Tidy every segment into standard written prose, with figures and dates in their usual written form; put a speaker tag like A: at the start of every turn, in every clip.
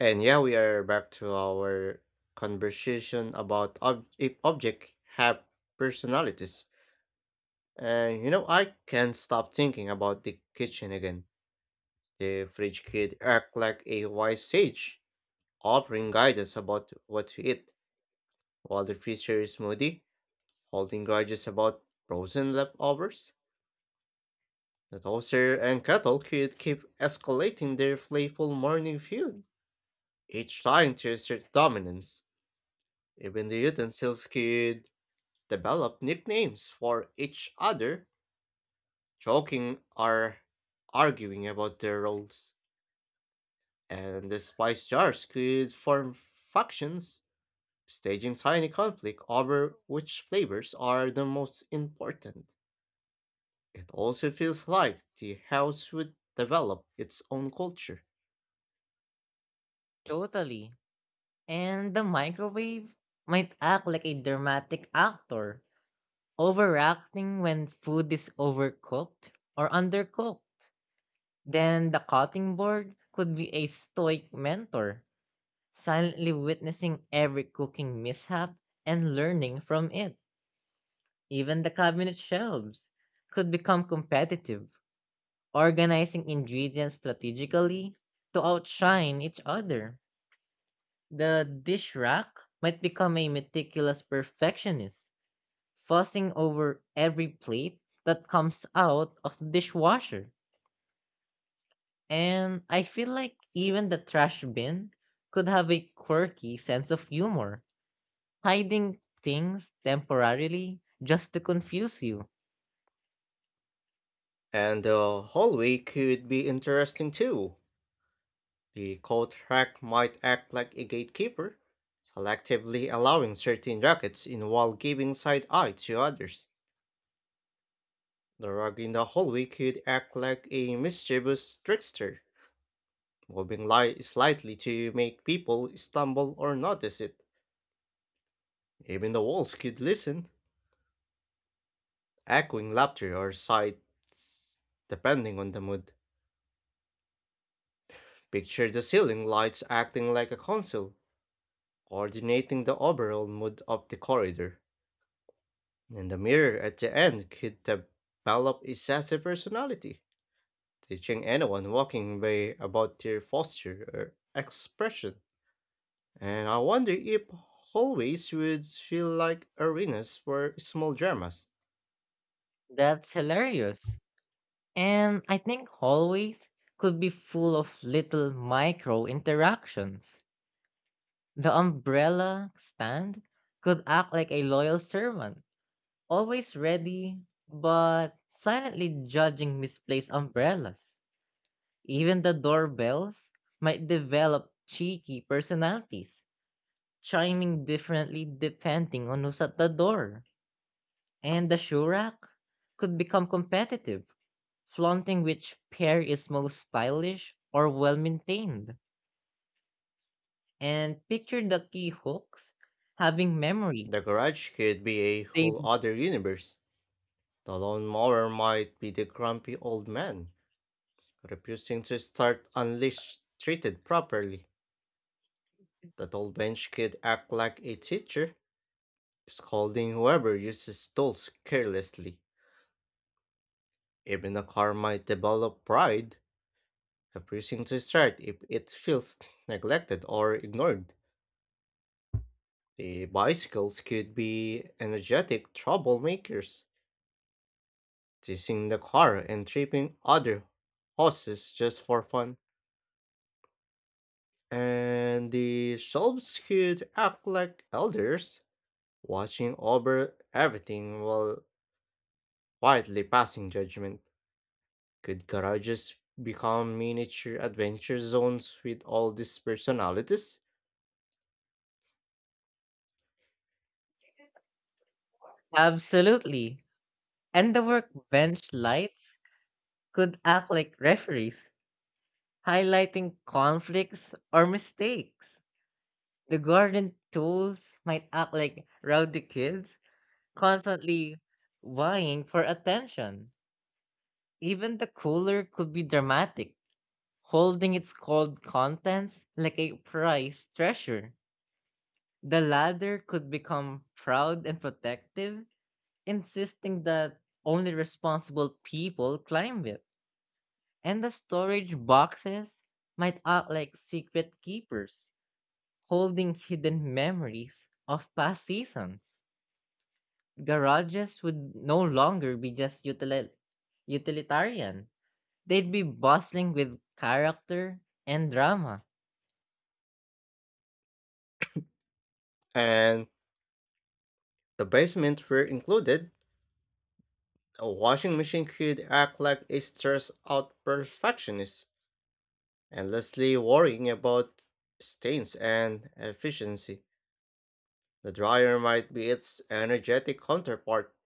A: And yeah, we are back to our conversation about if objects have personalities. And you know, I can't stop thinking about the kitchen again. The fridge could act like a wise sage, offering guidance about what to eat, while the freezer is moody, holding grudges about frozen leftovers. The toaster and kettle could keep escalating their playful morning feud, each trying to assert dominance. Even the utensils could developed nicknames for each other, joking or arguing about their roles. And the spice jars could form factions, staging tiny conflict over which flavors are the most important. It also feels like the house would develop its own culture.
B: Totally. And the microwave might act like a dramatic actor, overacting when food is overcooked or undercooked. Then the cutting board could be a stoic mentor, silently witnessing every cooking mishap and learning from it. Even the cabinet shelves could become competitive, organizing ingredients strategically to outshine each other. The dish rack might become a meticulous perfectionist, fussing over every plate that comes out of the dishwasher. And I feel like even the trash bin could have a quirky sense of humor, hiding things temporarily just to confuse you.
A: And the hallway could be interesting too. The coat rack might act like a gatekeeper, collectively allowing certain rockets in while giving side eye to others. The rug in the hallway could act like a mischievous trickster, moving light slightly to make people stumble or notice it. Even the walls could listen, echoing laughter or sighs depending on the mood. Picture the ceiling lights acting like a console, coordinating the overall mood of the corridor. And the mirror at the end could develop a sassy personality teaching anyone walking way about their posture or expression. And I wonder if hallways would feel like arenas for small dramas.
B: That's hilarious. And I think hallways could be full of little micro interactions. The umbrella stand could act like a loyal servant, always ready, but silently judging misplaced umbrellas. Even the doorbells might develop cheeky personalities, chiming differently depending on who's at the door. And the shoe rack could become competitive, flaunting which pair is most stylish or well maintained. And picture the key hooks having memory.
A: The garage could be a
B: They.
A: whole other universe. The lawnmower might be the grumpy old man, refusing to start unless treated properly. The tall bench could act like a teacher, scolding whoever uses tools carelessly. Even a car might develop pride, the precinct to start if it feels neglected or ignored. The bicycles could be energetic troublemakers, teasing the car and tripping other horses just for fun. And the shelves could act like elders, watching over everything while quietly passing judgment. Could garages become miniature adventure zones with all these personalities?
B: Absolutely. And the workbench lights could act like referees, highlighting conflicts or mistakes. The garden tools might act like rowdy kids, constantly vying for attention. Even the cooler could be dramatic, holding its cold contents like a prized treasure. The ladder could become proud and protective, insisting that only responsible people climb it. And the storage boxes might act like secret keepers, holding hidden memories of past seasons. Garages would no longer be just utilitarian, they'd be bustling with character and drama.
A: And the basement were included. A washing machine could act like a stressed out perfectionist, endlessly worrying about stains and efficiency. The dryer might be its energetic counterpart,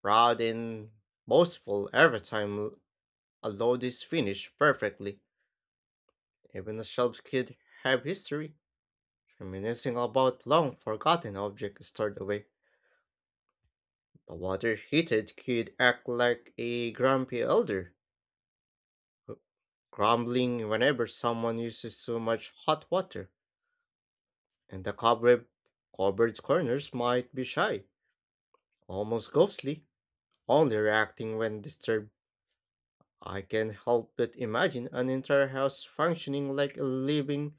A: proud and boastful every time a load is finished perfectly. Even the shelves could have history, reminiscing about long forgotten objects stored away. The water heated could act like a grumpy elder who crumbling whenever someone uses too much hot water, and the cobweb covered corners might be shy, almost ghostly, only reacting when disturbed. I can not help but imagine an entire house functioning like a living,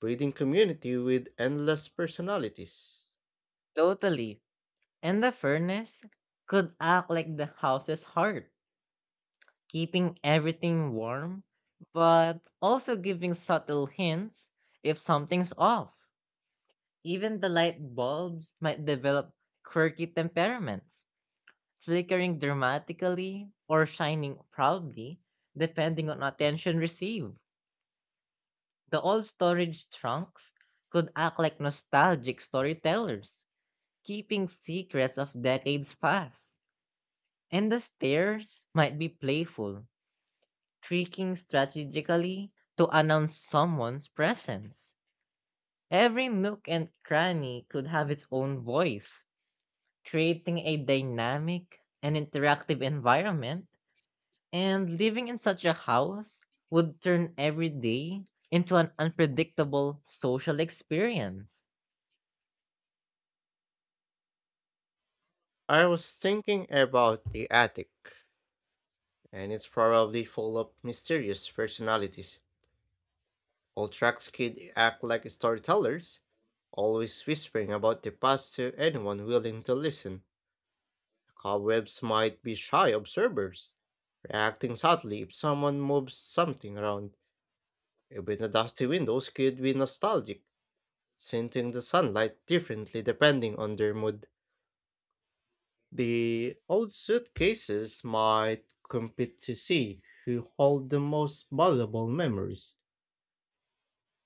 A: breathing community with endless personalities.
B: Totally. And the furnace could act like the house's heart, keeping everything warm, but also giving subtle hints if something's off. Even the light bulbs might develop quirky temperaments, flickering dramatically or shining proudly, depending on attention received. The old storage trunks could act like nostalgic storytellers, keeping secrets of decades past. And the stairs might be playful, creaking strategically to announce someone's presence. Every nook and cranny could have its own voice creating a dynamic and interactive environment, and living in such a house would turn every day into an unpredictable social experience.
A: I was thinking about the attic, and it's probably full of mysterious personalities. All tracks could act like storytellers, always whispering about the past to anyone willing to listen. The cobwebs might be shy observers, reacting subtly if someone moves something around. Even the dusty windows could be nostalgic, scenting the sunlight differently depending on their mood. The old suitcases might compete to see who hold the most valuable memories,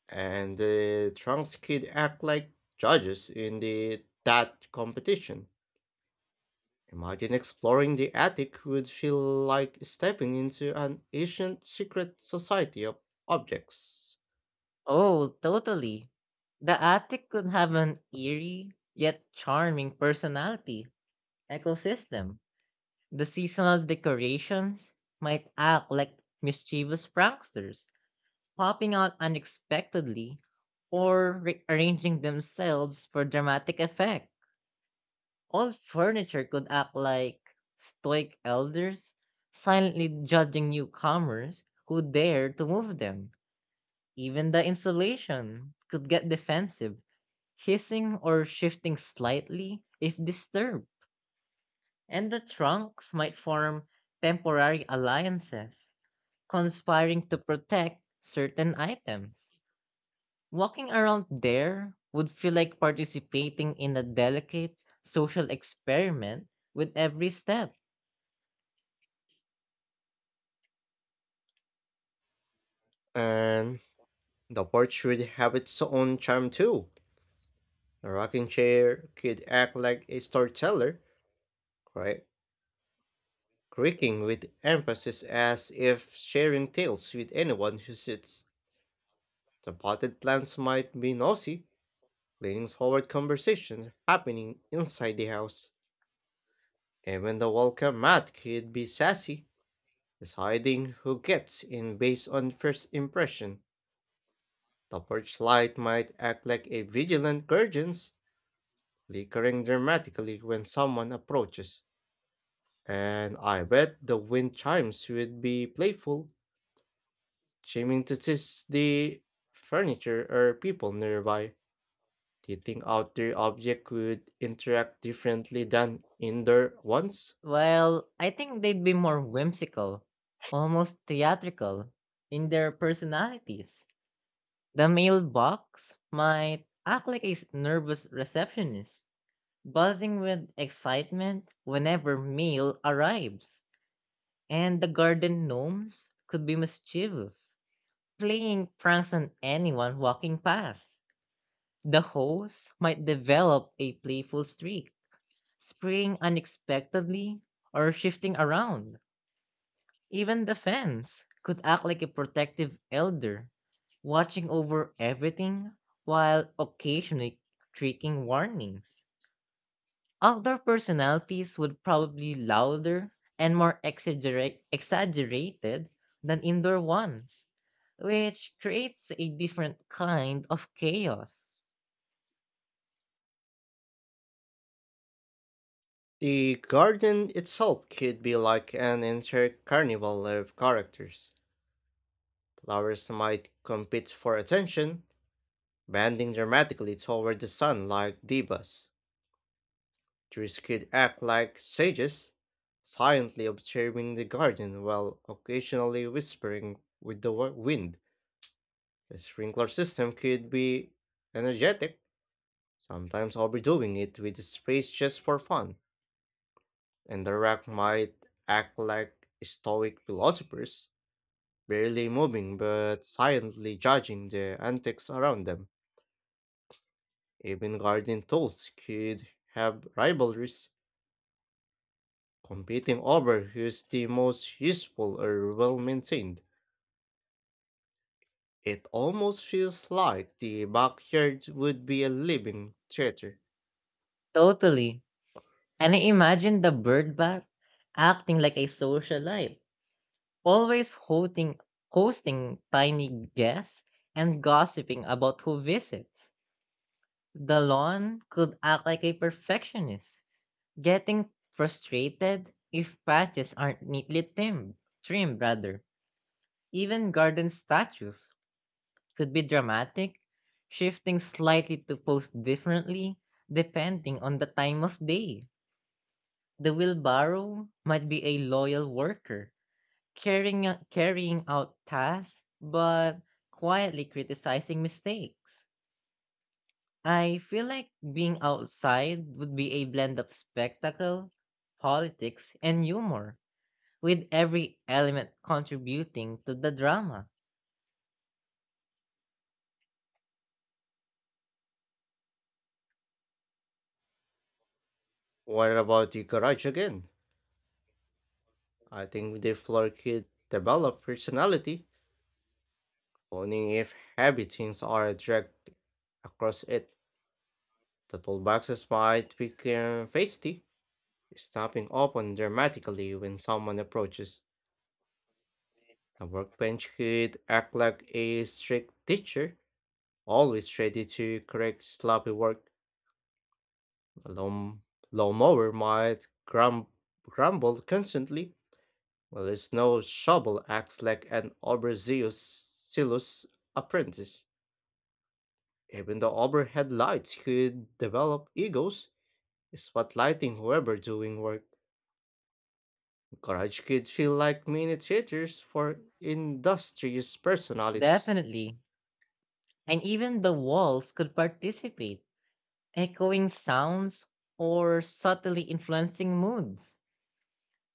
A: and the trunks could act like judges in the that competition. Imagine exploring the attic would feel like stepping into an ancient secret society of objects.
B: Oh, totally. The attic could have an eerie yet charming personality ecosystem. The seasonal decorations might act like mischievous pranksters, popping out unexpectedly or re- arranging themselves for dramatic effect. All furniture could act like stoic elders, silently judging newcomers who dare to move them. Even the insulation could get defensive, hissing or shifting slightly if disturbed. And the trunks might form temporary alliances, conspiring to protect certain items. Walking around there would feel like participating in a delicate social experiment with every step.
A: And the porch would have its own charm too. The rocking chair could act like a storyteller, cre- creaking with emphasis as if sharing tales with anyone who sits. The potted plants might be nosy, leaning forward conversations happening inside the house. Even the welcome mat could be sassy, deciding who gets in based on first impression. The porch light might act like a vigilant guardian, flickering dramatically when someone approaches. And I bet the wind chimes would be playful, chiming to tease the furniture or people nearby. Do you think outdoor objects would interact differently than indoor ones?
B: Well, I think they'd be more whimsical, almost theatrical, in their personalities. The mailbox might act like a nervous receptionist, buzzing with excitement whenever mail arrives. And the garden gnomes could be mischievous, playing pranks on anyone walking past. The host might develop a playful streak, springing unexpectedly or shifting around. Even the fence could act like a protective elder, watching over everything while occasionally creaking warnings. Outdoor personalities would probably louder and more exaggerated than indoor ones, which creates a different kind of chaos.
A: The garden itself could be like an entire carnival of characters. Flowers might compete for attention, bending dramatically toward the sun like divas. Trees could act like sages, silently observing the garden while occasionally whispering with the wind. The sprinkler system could be energetic, sometimes overdoing it with space just for fun, and the rack might act like stoic philosophers barely moving but silently judging the antics around them. Even gardening tools could have rivalries, competing over who's the most useful or well maintained. It almost feels like the backyard would be a living theater.
B: Totally. And I imagine the bird bath acting like a socialite always hosting tiny guests and gossiping about who visits. The lawn could act like a perfectionist, getting frustrated if patches aren't neatly trimmed. Trimmed rather. Even garden statues could be dramatic, shifting slightly to pose differently depending on the time of day. The wheelbarrow might be a loyal worker carrying out tasks but quietly criticizing mistakes. I feel like being outside would be a blend of spectacle, politics, and humor, with every element contributing to the drama.
A: What about the garage again? I think the floor could develop personality, only if heavy things are dragged across it. The toolboxes might become feisty, stopping open dramatically when someone approaches. The workbench could act like a strict teacher, always ready to correct sloppy work. A lawnmower might grumble constantly, while a snow shovel acts like an overzealous apprentice. Even the overhead lights could develop egos, spotlighting whoever doing work. Garage could feel like mini theaters for industrious personalities.
B: Definitely. And even the walls could participate, echoing sounds or subtly influencing moods.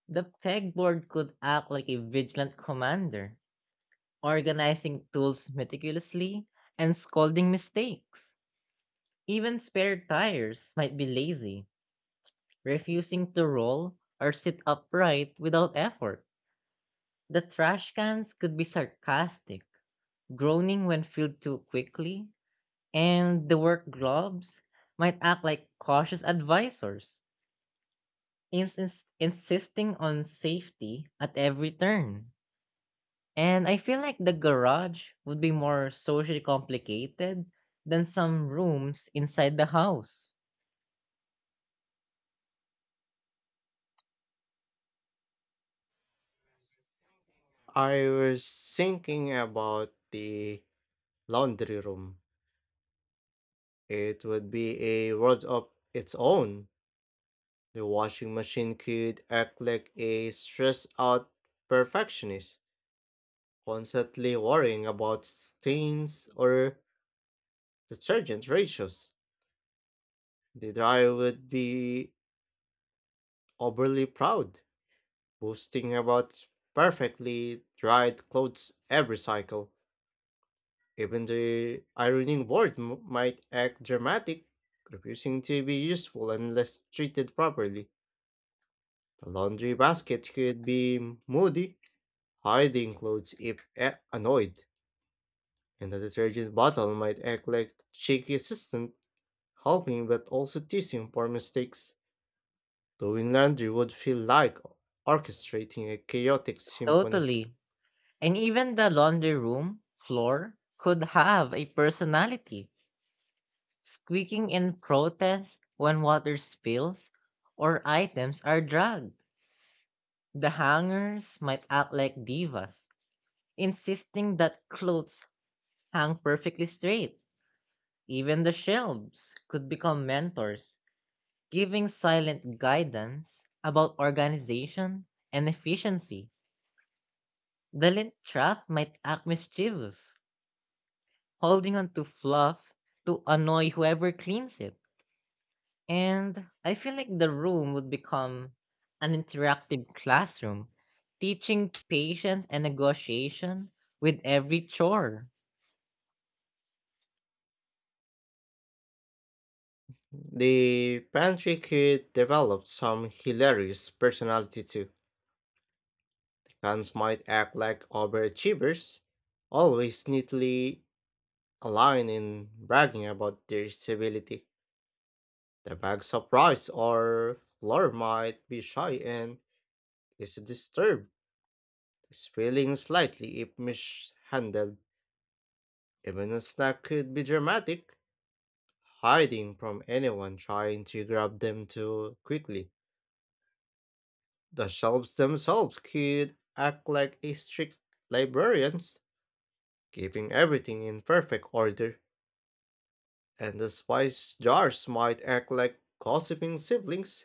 B: The pegboard could act like a vigilant commander, organizing tools meticulously, and scolding mistakes. Even spare tires might be lazy, refusing to roll or sit upright without effort. The trash cans could be sarcastic, groaning when filled too quickly, and the work gloves might act like cautious advisors, insisting on safety at every turn. And I feel like the garage would be more socially complicated than some rooms inside the house.
A: I was thinking about the laundry room. It would be a world of its own. The washing machine could act like a stressed out perfectionist, constantly worrying about stains or detergent ratios. The dryer would be overly proud boasting about perfectly dried clothes every cycle. Even the ironing board might act dramatic, refusing to be useful unless treated properly. The laundry basket could be moody, hiding clothes if annoyed, and the detergent bottle might act like cheeky assistant, helping but also teasing for mistakes. Doing laundry would feel like orchestrating a chaotic symphony.
B: Totally. And even the laundry room floor could have a personality, squeaking in protest when water spills or items are dragged. The hangers might act like divas, insisting that clothes hang perfectly straight. Even the shelves could become mentors giving silent guidance about organization and efficiency. The lint trap might act mischievous, holding on to fluff to annoy whoever cleans it. And I feel like the room would become an interactive classroom, teaching patience and negotiation with every chore.
A: The pantry kid developed some hilarious personality too. Cons might act like overachievers, always neatly aligned in bragging about their stability. The bags of rice or flour might be shy and is disturbed, spilling slightly if mishandled. Even a snack could be dramatic, hiding from anyone trying to grab them too quickly. The shelves themselves could act like a strict librarians, keeping everything in perfect order, and the spice jars might act like gossiping siblings,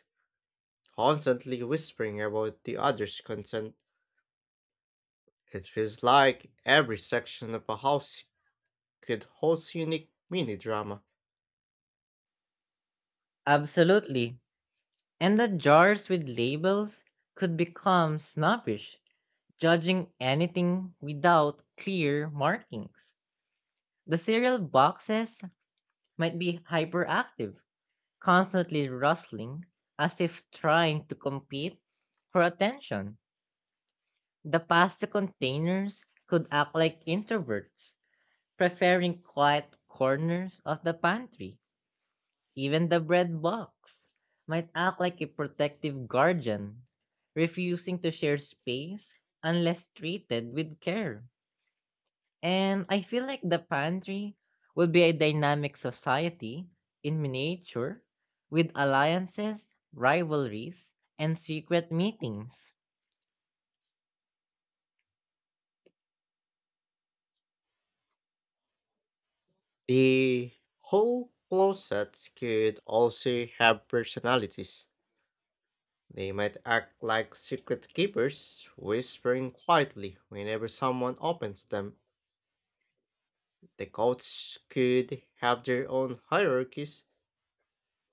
A: constantly whispering about the other's content. It feels like every section of a house could host unique mini drama.
B: Absolutely. And the jars with labels could become snobbish, judging anything without clear markings. The cereal boxes might be hyperactive, constantly rustling as if trying to compete for attention. The pasta containers could act like introverts, preferring quiet corners of the pantry. Even the bread box might act like a protective guardian, refusing to share space unless treated with care. And I feel like the pantry will be a dynamic society in miniature with alliances, rivalries, and secret meetings.
A: The whole closets could also have personalities. They might act like secret keepers, whispering quietly whenever someone opens them. The cults could have their own hierarchies,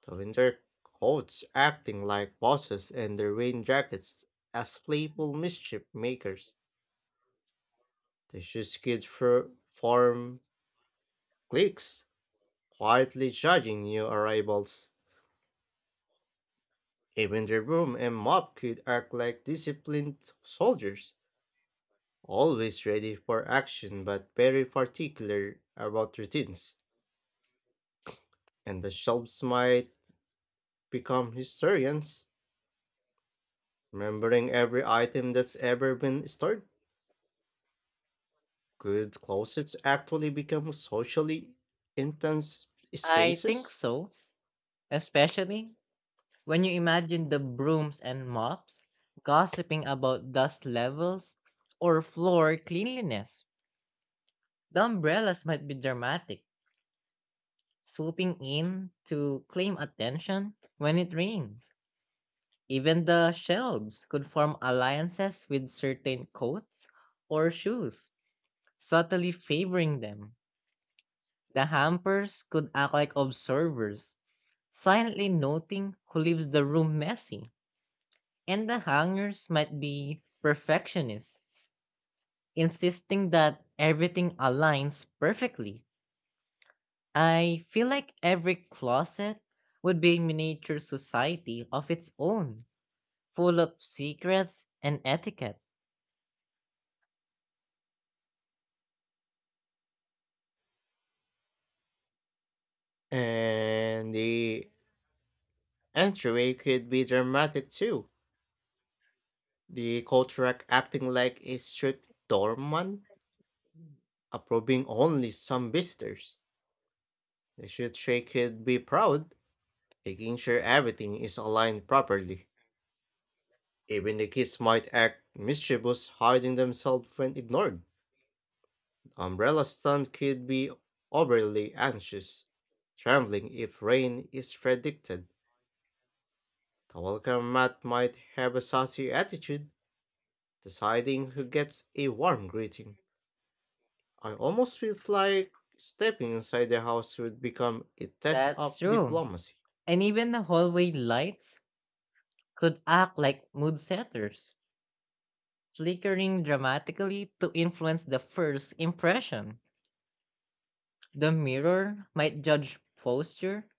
A: though in their coats acting like bosses and their rain jackets as playful mischief makers. The shoes could form cliques, quietly judging new arrivals. Even the broom and mop could act like disciplined soldiers. Always ready for action, but very particular about routines, and the shelves might become historians, remembering every item that's ever been stored. Could closets actually become socially intense
B: I think
A: spaces?
B: so, especially when you imagine the brooms and mops gossiping about dust levels or floor cleanliness. The umbrellas might be dramatic, swooping in to claim attention when it rains. Even the shelves could form alliances with certain coats or shoes, subtly favoring them. The hampers could act like observers, silently noting who leaves the room messy. And the hangers might be perfectionists, insisting that everything aligns perfectly. I feel like every closet would be a miniature society of its own, full of secrets and etiquette.
A: And the entryway could be dramatic too. The Kotarak acting like a strict doorman, approving only some visitors. The Shutrei could be proud, making sure everything is aligned properly. Even the kids might act mischievous, hiding themselves when ignored. The umbrella stand could be overly anxious, trembling if rain is predicted. The welcome mat might have a saucy attitude, deciding who gets a warm greeting. I almost feels like stepping inside the house would become a test
B: That's
A: of
B: true.
A: diplomacy.
B: And even the hallway lights could act like mood setters, flickering dramatically to influence the first impression. The mirror might judge posture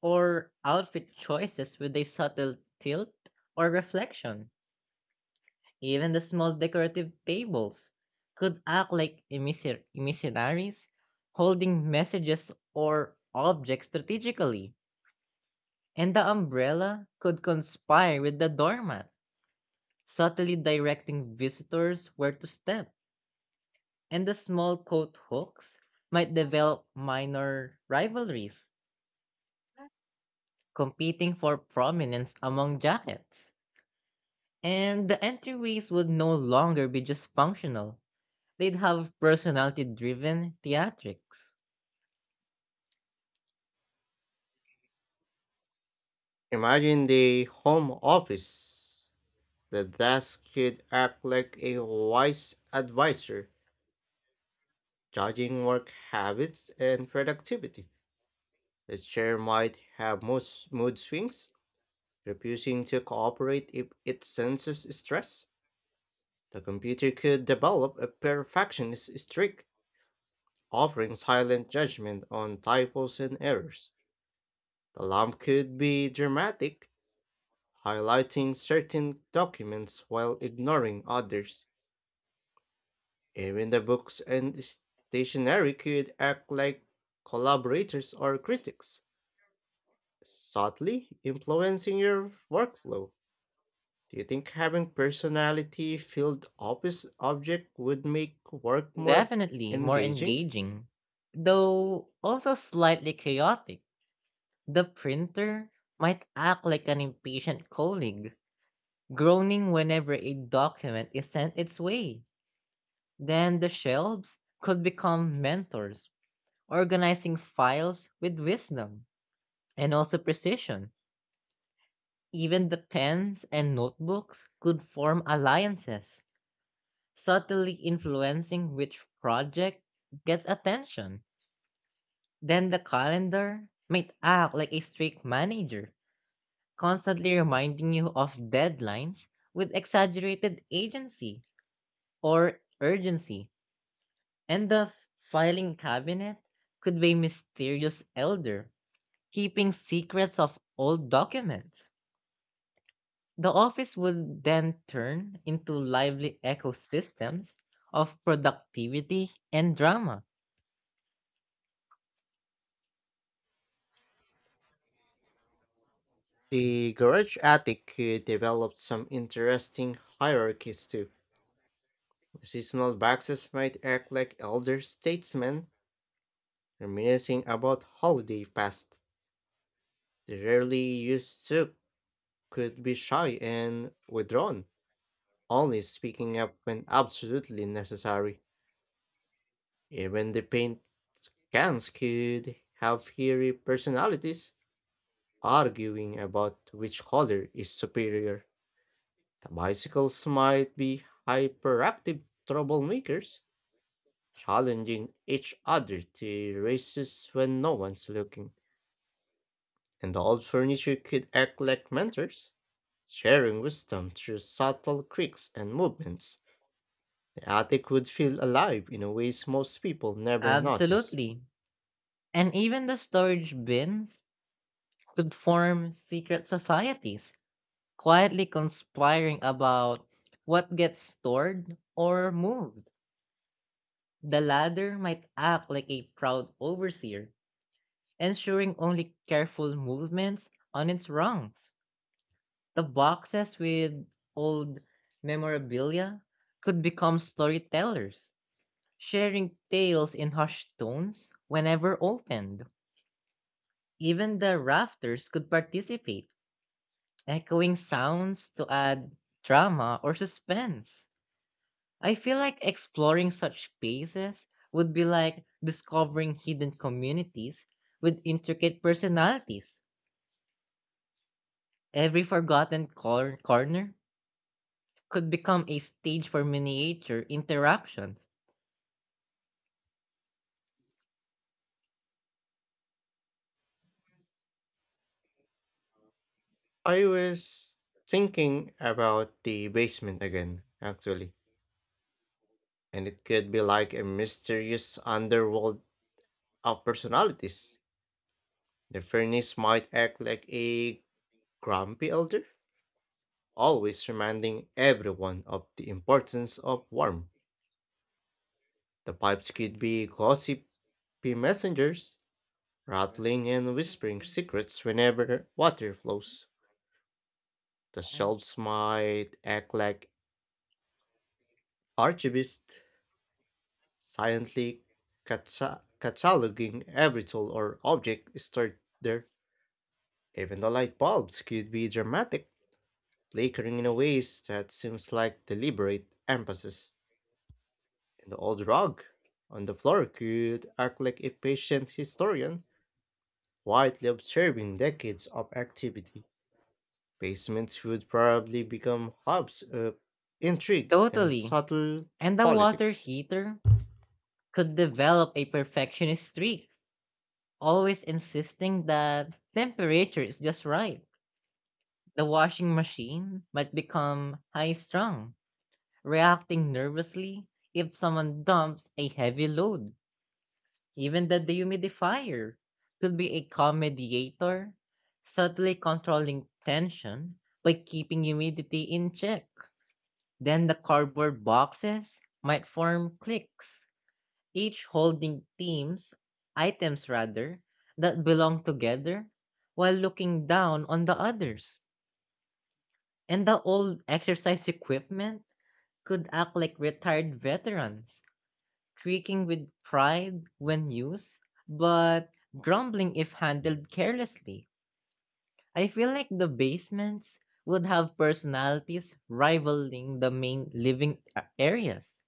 B: or outfit choices with a subtle tilt or reflection. Even the small decorative tables could act like emissaries, holding messages or objects strategically. And the umbrella could conspire with the doormat subtly directing visitors where to step, and the small coat hooks might develop minor rivalries, competing for prominence among jackets. And the entryways would no longer be just functional, they'd have personality driven theatrics.
A: Imagine the home office. The desk could act like a wise advisor, judging work habits and productivity. The chair might have most mood swings, refusing to cooperate if it senses stress. The computer could develop a perfectionist streak, offering silent judgment on typos and errors. The lamp could be dramatic, highlighting certain documents while ignoring others. Even the books and stationery could act like collaborators or critics, subtly influencing your workflow. Do you think having personality filled office object would make work more
B: Definitely more
A: engaging?
B: engaging, though also slightly chaotic. The printer might act like an impatient colleague groaning whenever a document is sent its way. Then the shelves could become mentors, organizing files with wisdom and also precision. Even the pens and notebooks could form alliances, subtly influencing which project gets attention. Then the calendar might act like a strict manager, constantly reminding you of deadlines with exaggerated agency or urgency. And the filing cabinet could be a mysterious elder keeping secrets of old documents. The office would then turn into lively ecosystems of productivity and drama.
A: The garage attic could develop some interesting hierarchies too. Seasonal boxes might act like elder statesmen reminiscing about holiday past. The rarely used soup could be shy and withdrawn, only speaking up when absolutely necessary. Even the paint cans could have fiery personalities, arguing about which color is superior. The bicycles might be hyperactive troublemakers, challenging each other to races when no one's looking. And the old furniture could act like mentors, sharing wisdom through subtle creaks and movements. Attic would feel alive in a ways most people never notice.
B: Absolutely. And even the storage bins could form secret societies, quietly conspiring about what gets stored or moved. The ladder might act like a proud overseer ensuring only careful movements on its rungs. The boxes with old memorabilia could become storytellers, sharing tales in hushed tones whenever opened. Even the rafters could participate, echoing sounds to add drama or suspense. I feel like exploring such spaces would be like discovering hidden communities with intricate personalities. Every forgotten corner could become a stage for miniature interactions.
A: I was thinking about the basement again, actually, and it could be like a mysterious underworld of personalities. The furnace might act like a grumpy elder, always reminding everyone of the importance of warmth. The pipes could be gossipy messengers, rattling and whispering secrets whenever water flows. The shelves might act like archivists, silently cataloging every tool or object stored there. Even the light bulbs could be dramatic, flickering in a ways that seems like deliberate emphasis. And the old rug on the floor could act like a patient historian, quietly observing decades of activity. Basements would probably become hubs of intrigue and
B: Totally.
A: subtle
B: And the water
A: politics.
B: heater could develop a perfectionist streak, always insisting that temperature is just right. The washing machine might become high strung, reacting nervously if someone dumps a heavy load. Even the dehumidifier could be a calm mediator, subtly controlling tension by keeping humidity in check. Then the cardboard boxes might form cliques, each holding items rather, that belong together while looking down on the others. And the old exercise equipment could act like retired veterans creaking with pride when used, but grumbling if handled carelessly. I feel like the basements would have personalities rivaling the main living areas.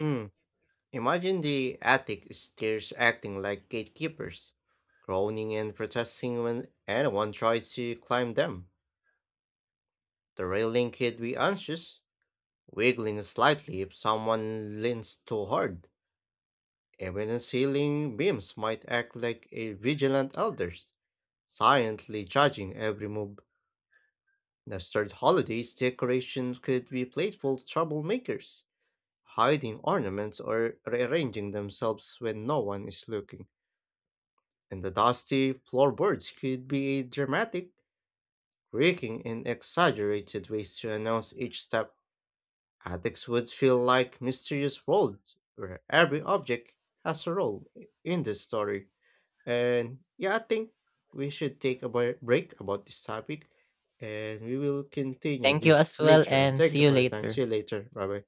A: Mm. Imagine the attic stairs acting like gatekeepers, groaning and protesting when anyone tries to climb them. The railing could be anxious, wiggling slightly if someone leans too hard. Even the ceiling beams might act like a vigilant elders, silently judging every move. The third holiday's decorations could be playful troublemakers, hiding ornaments or rearranging themselves when no one is looking. And the dusty floorboards could be a dramatic, creaking, and exaggerated ways to announce each step. Attics would feel like mysterious worlds where every object has a role in the story. And yeah, I think we should take a break about this topic and we will continue
B: Thank you
A: this
B: as well
A: later. And
B: and
A: thank
B: see
A: you
B: you
A: for your time. See
B: later.
A: you later. Bye bye.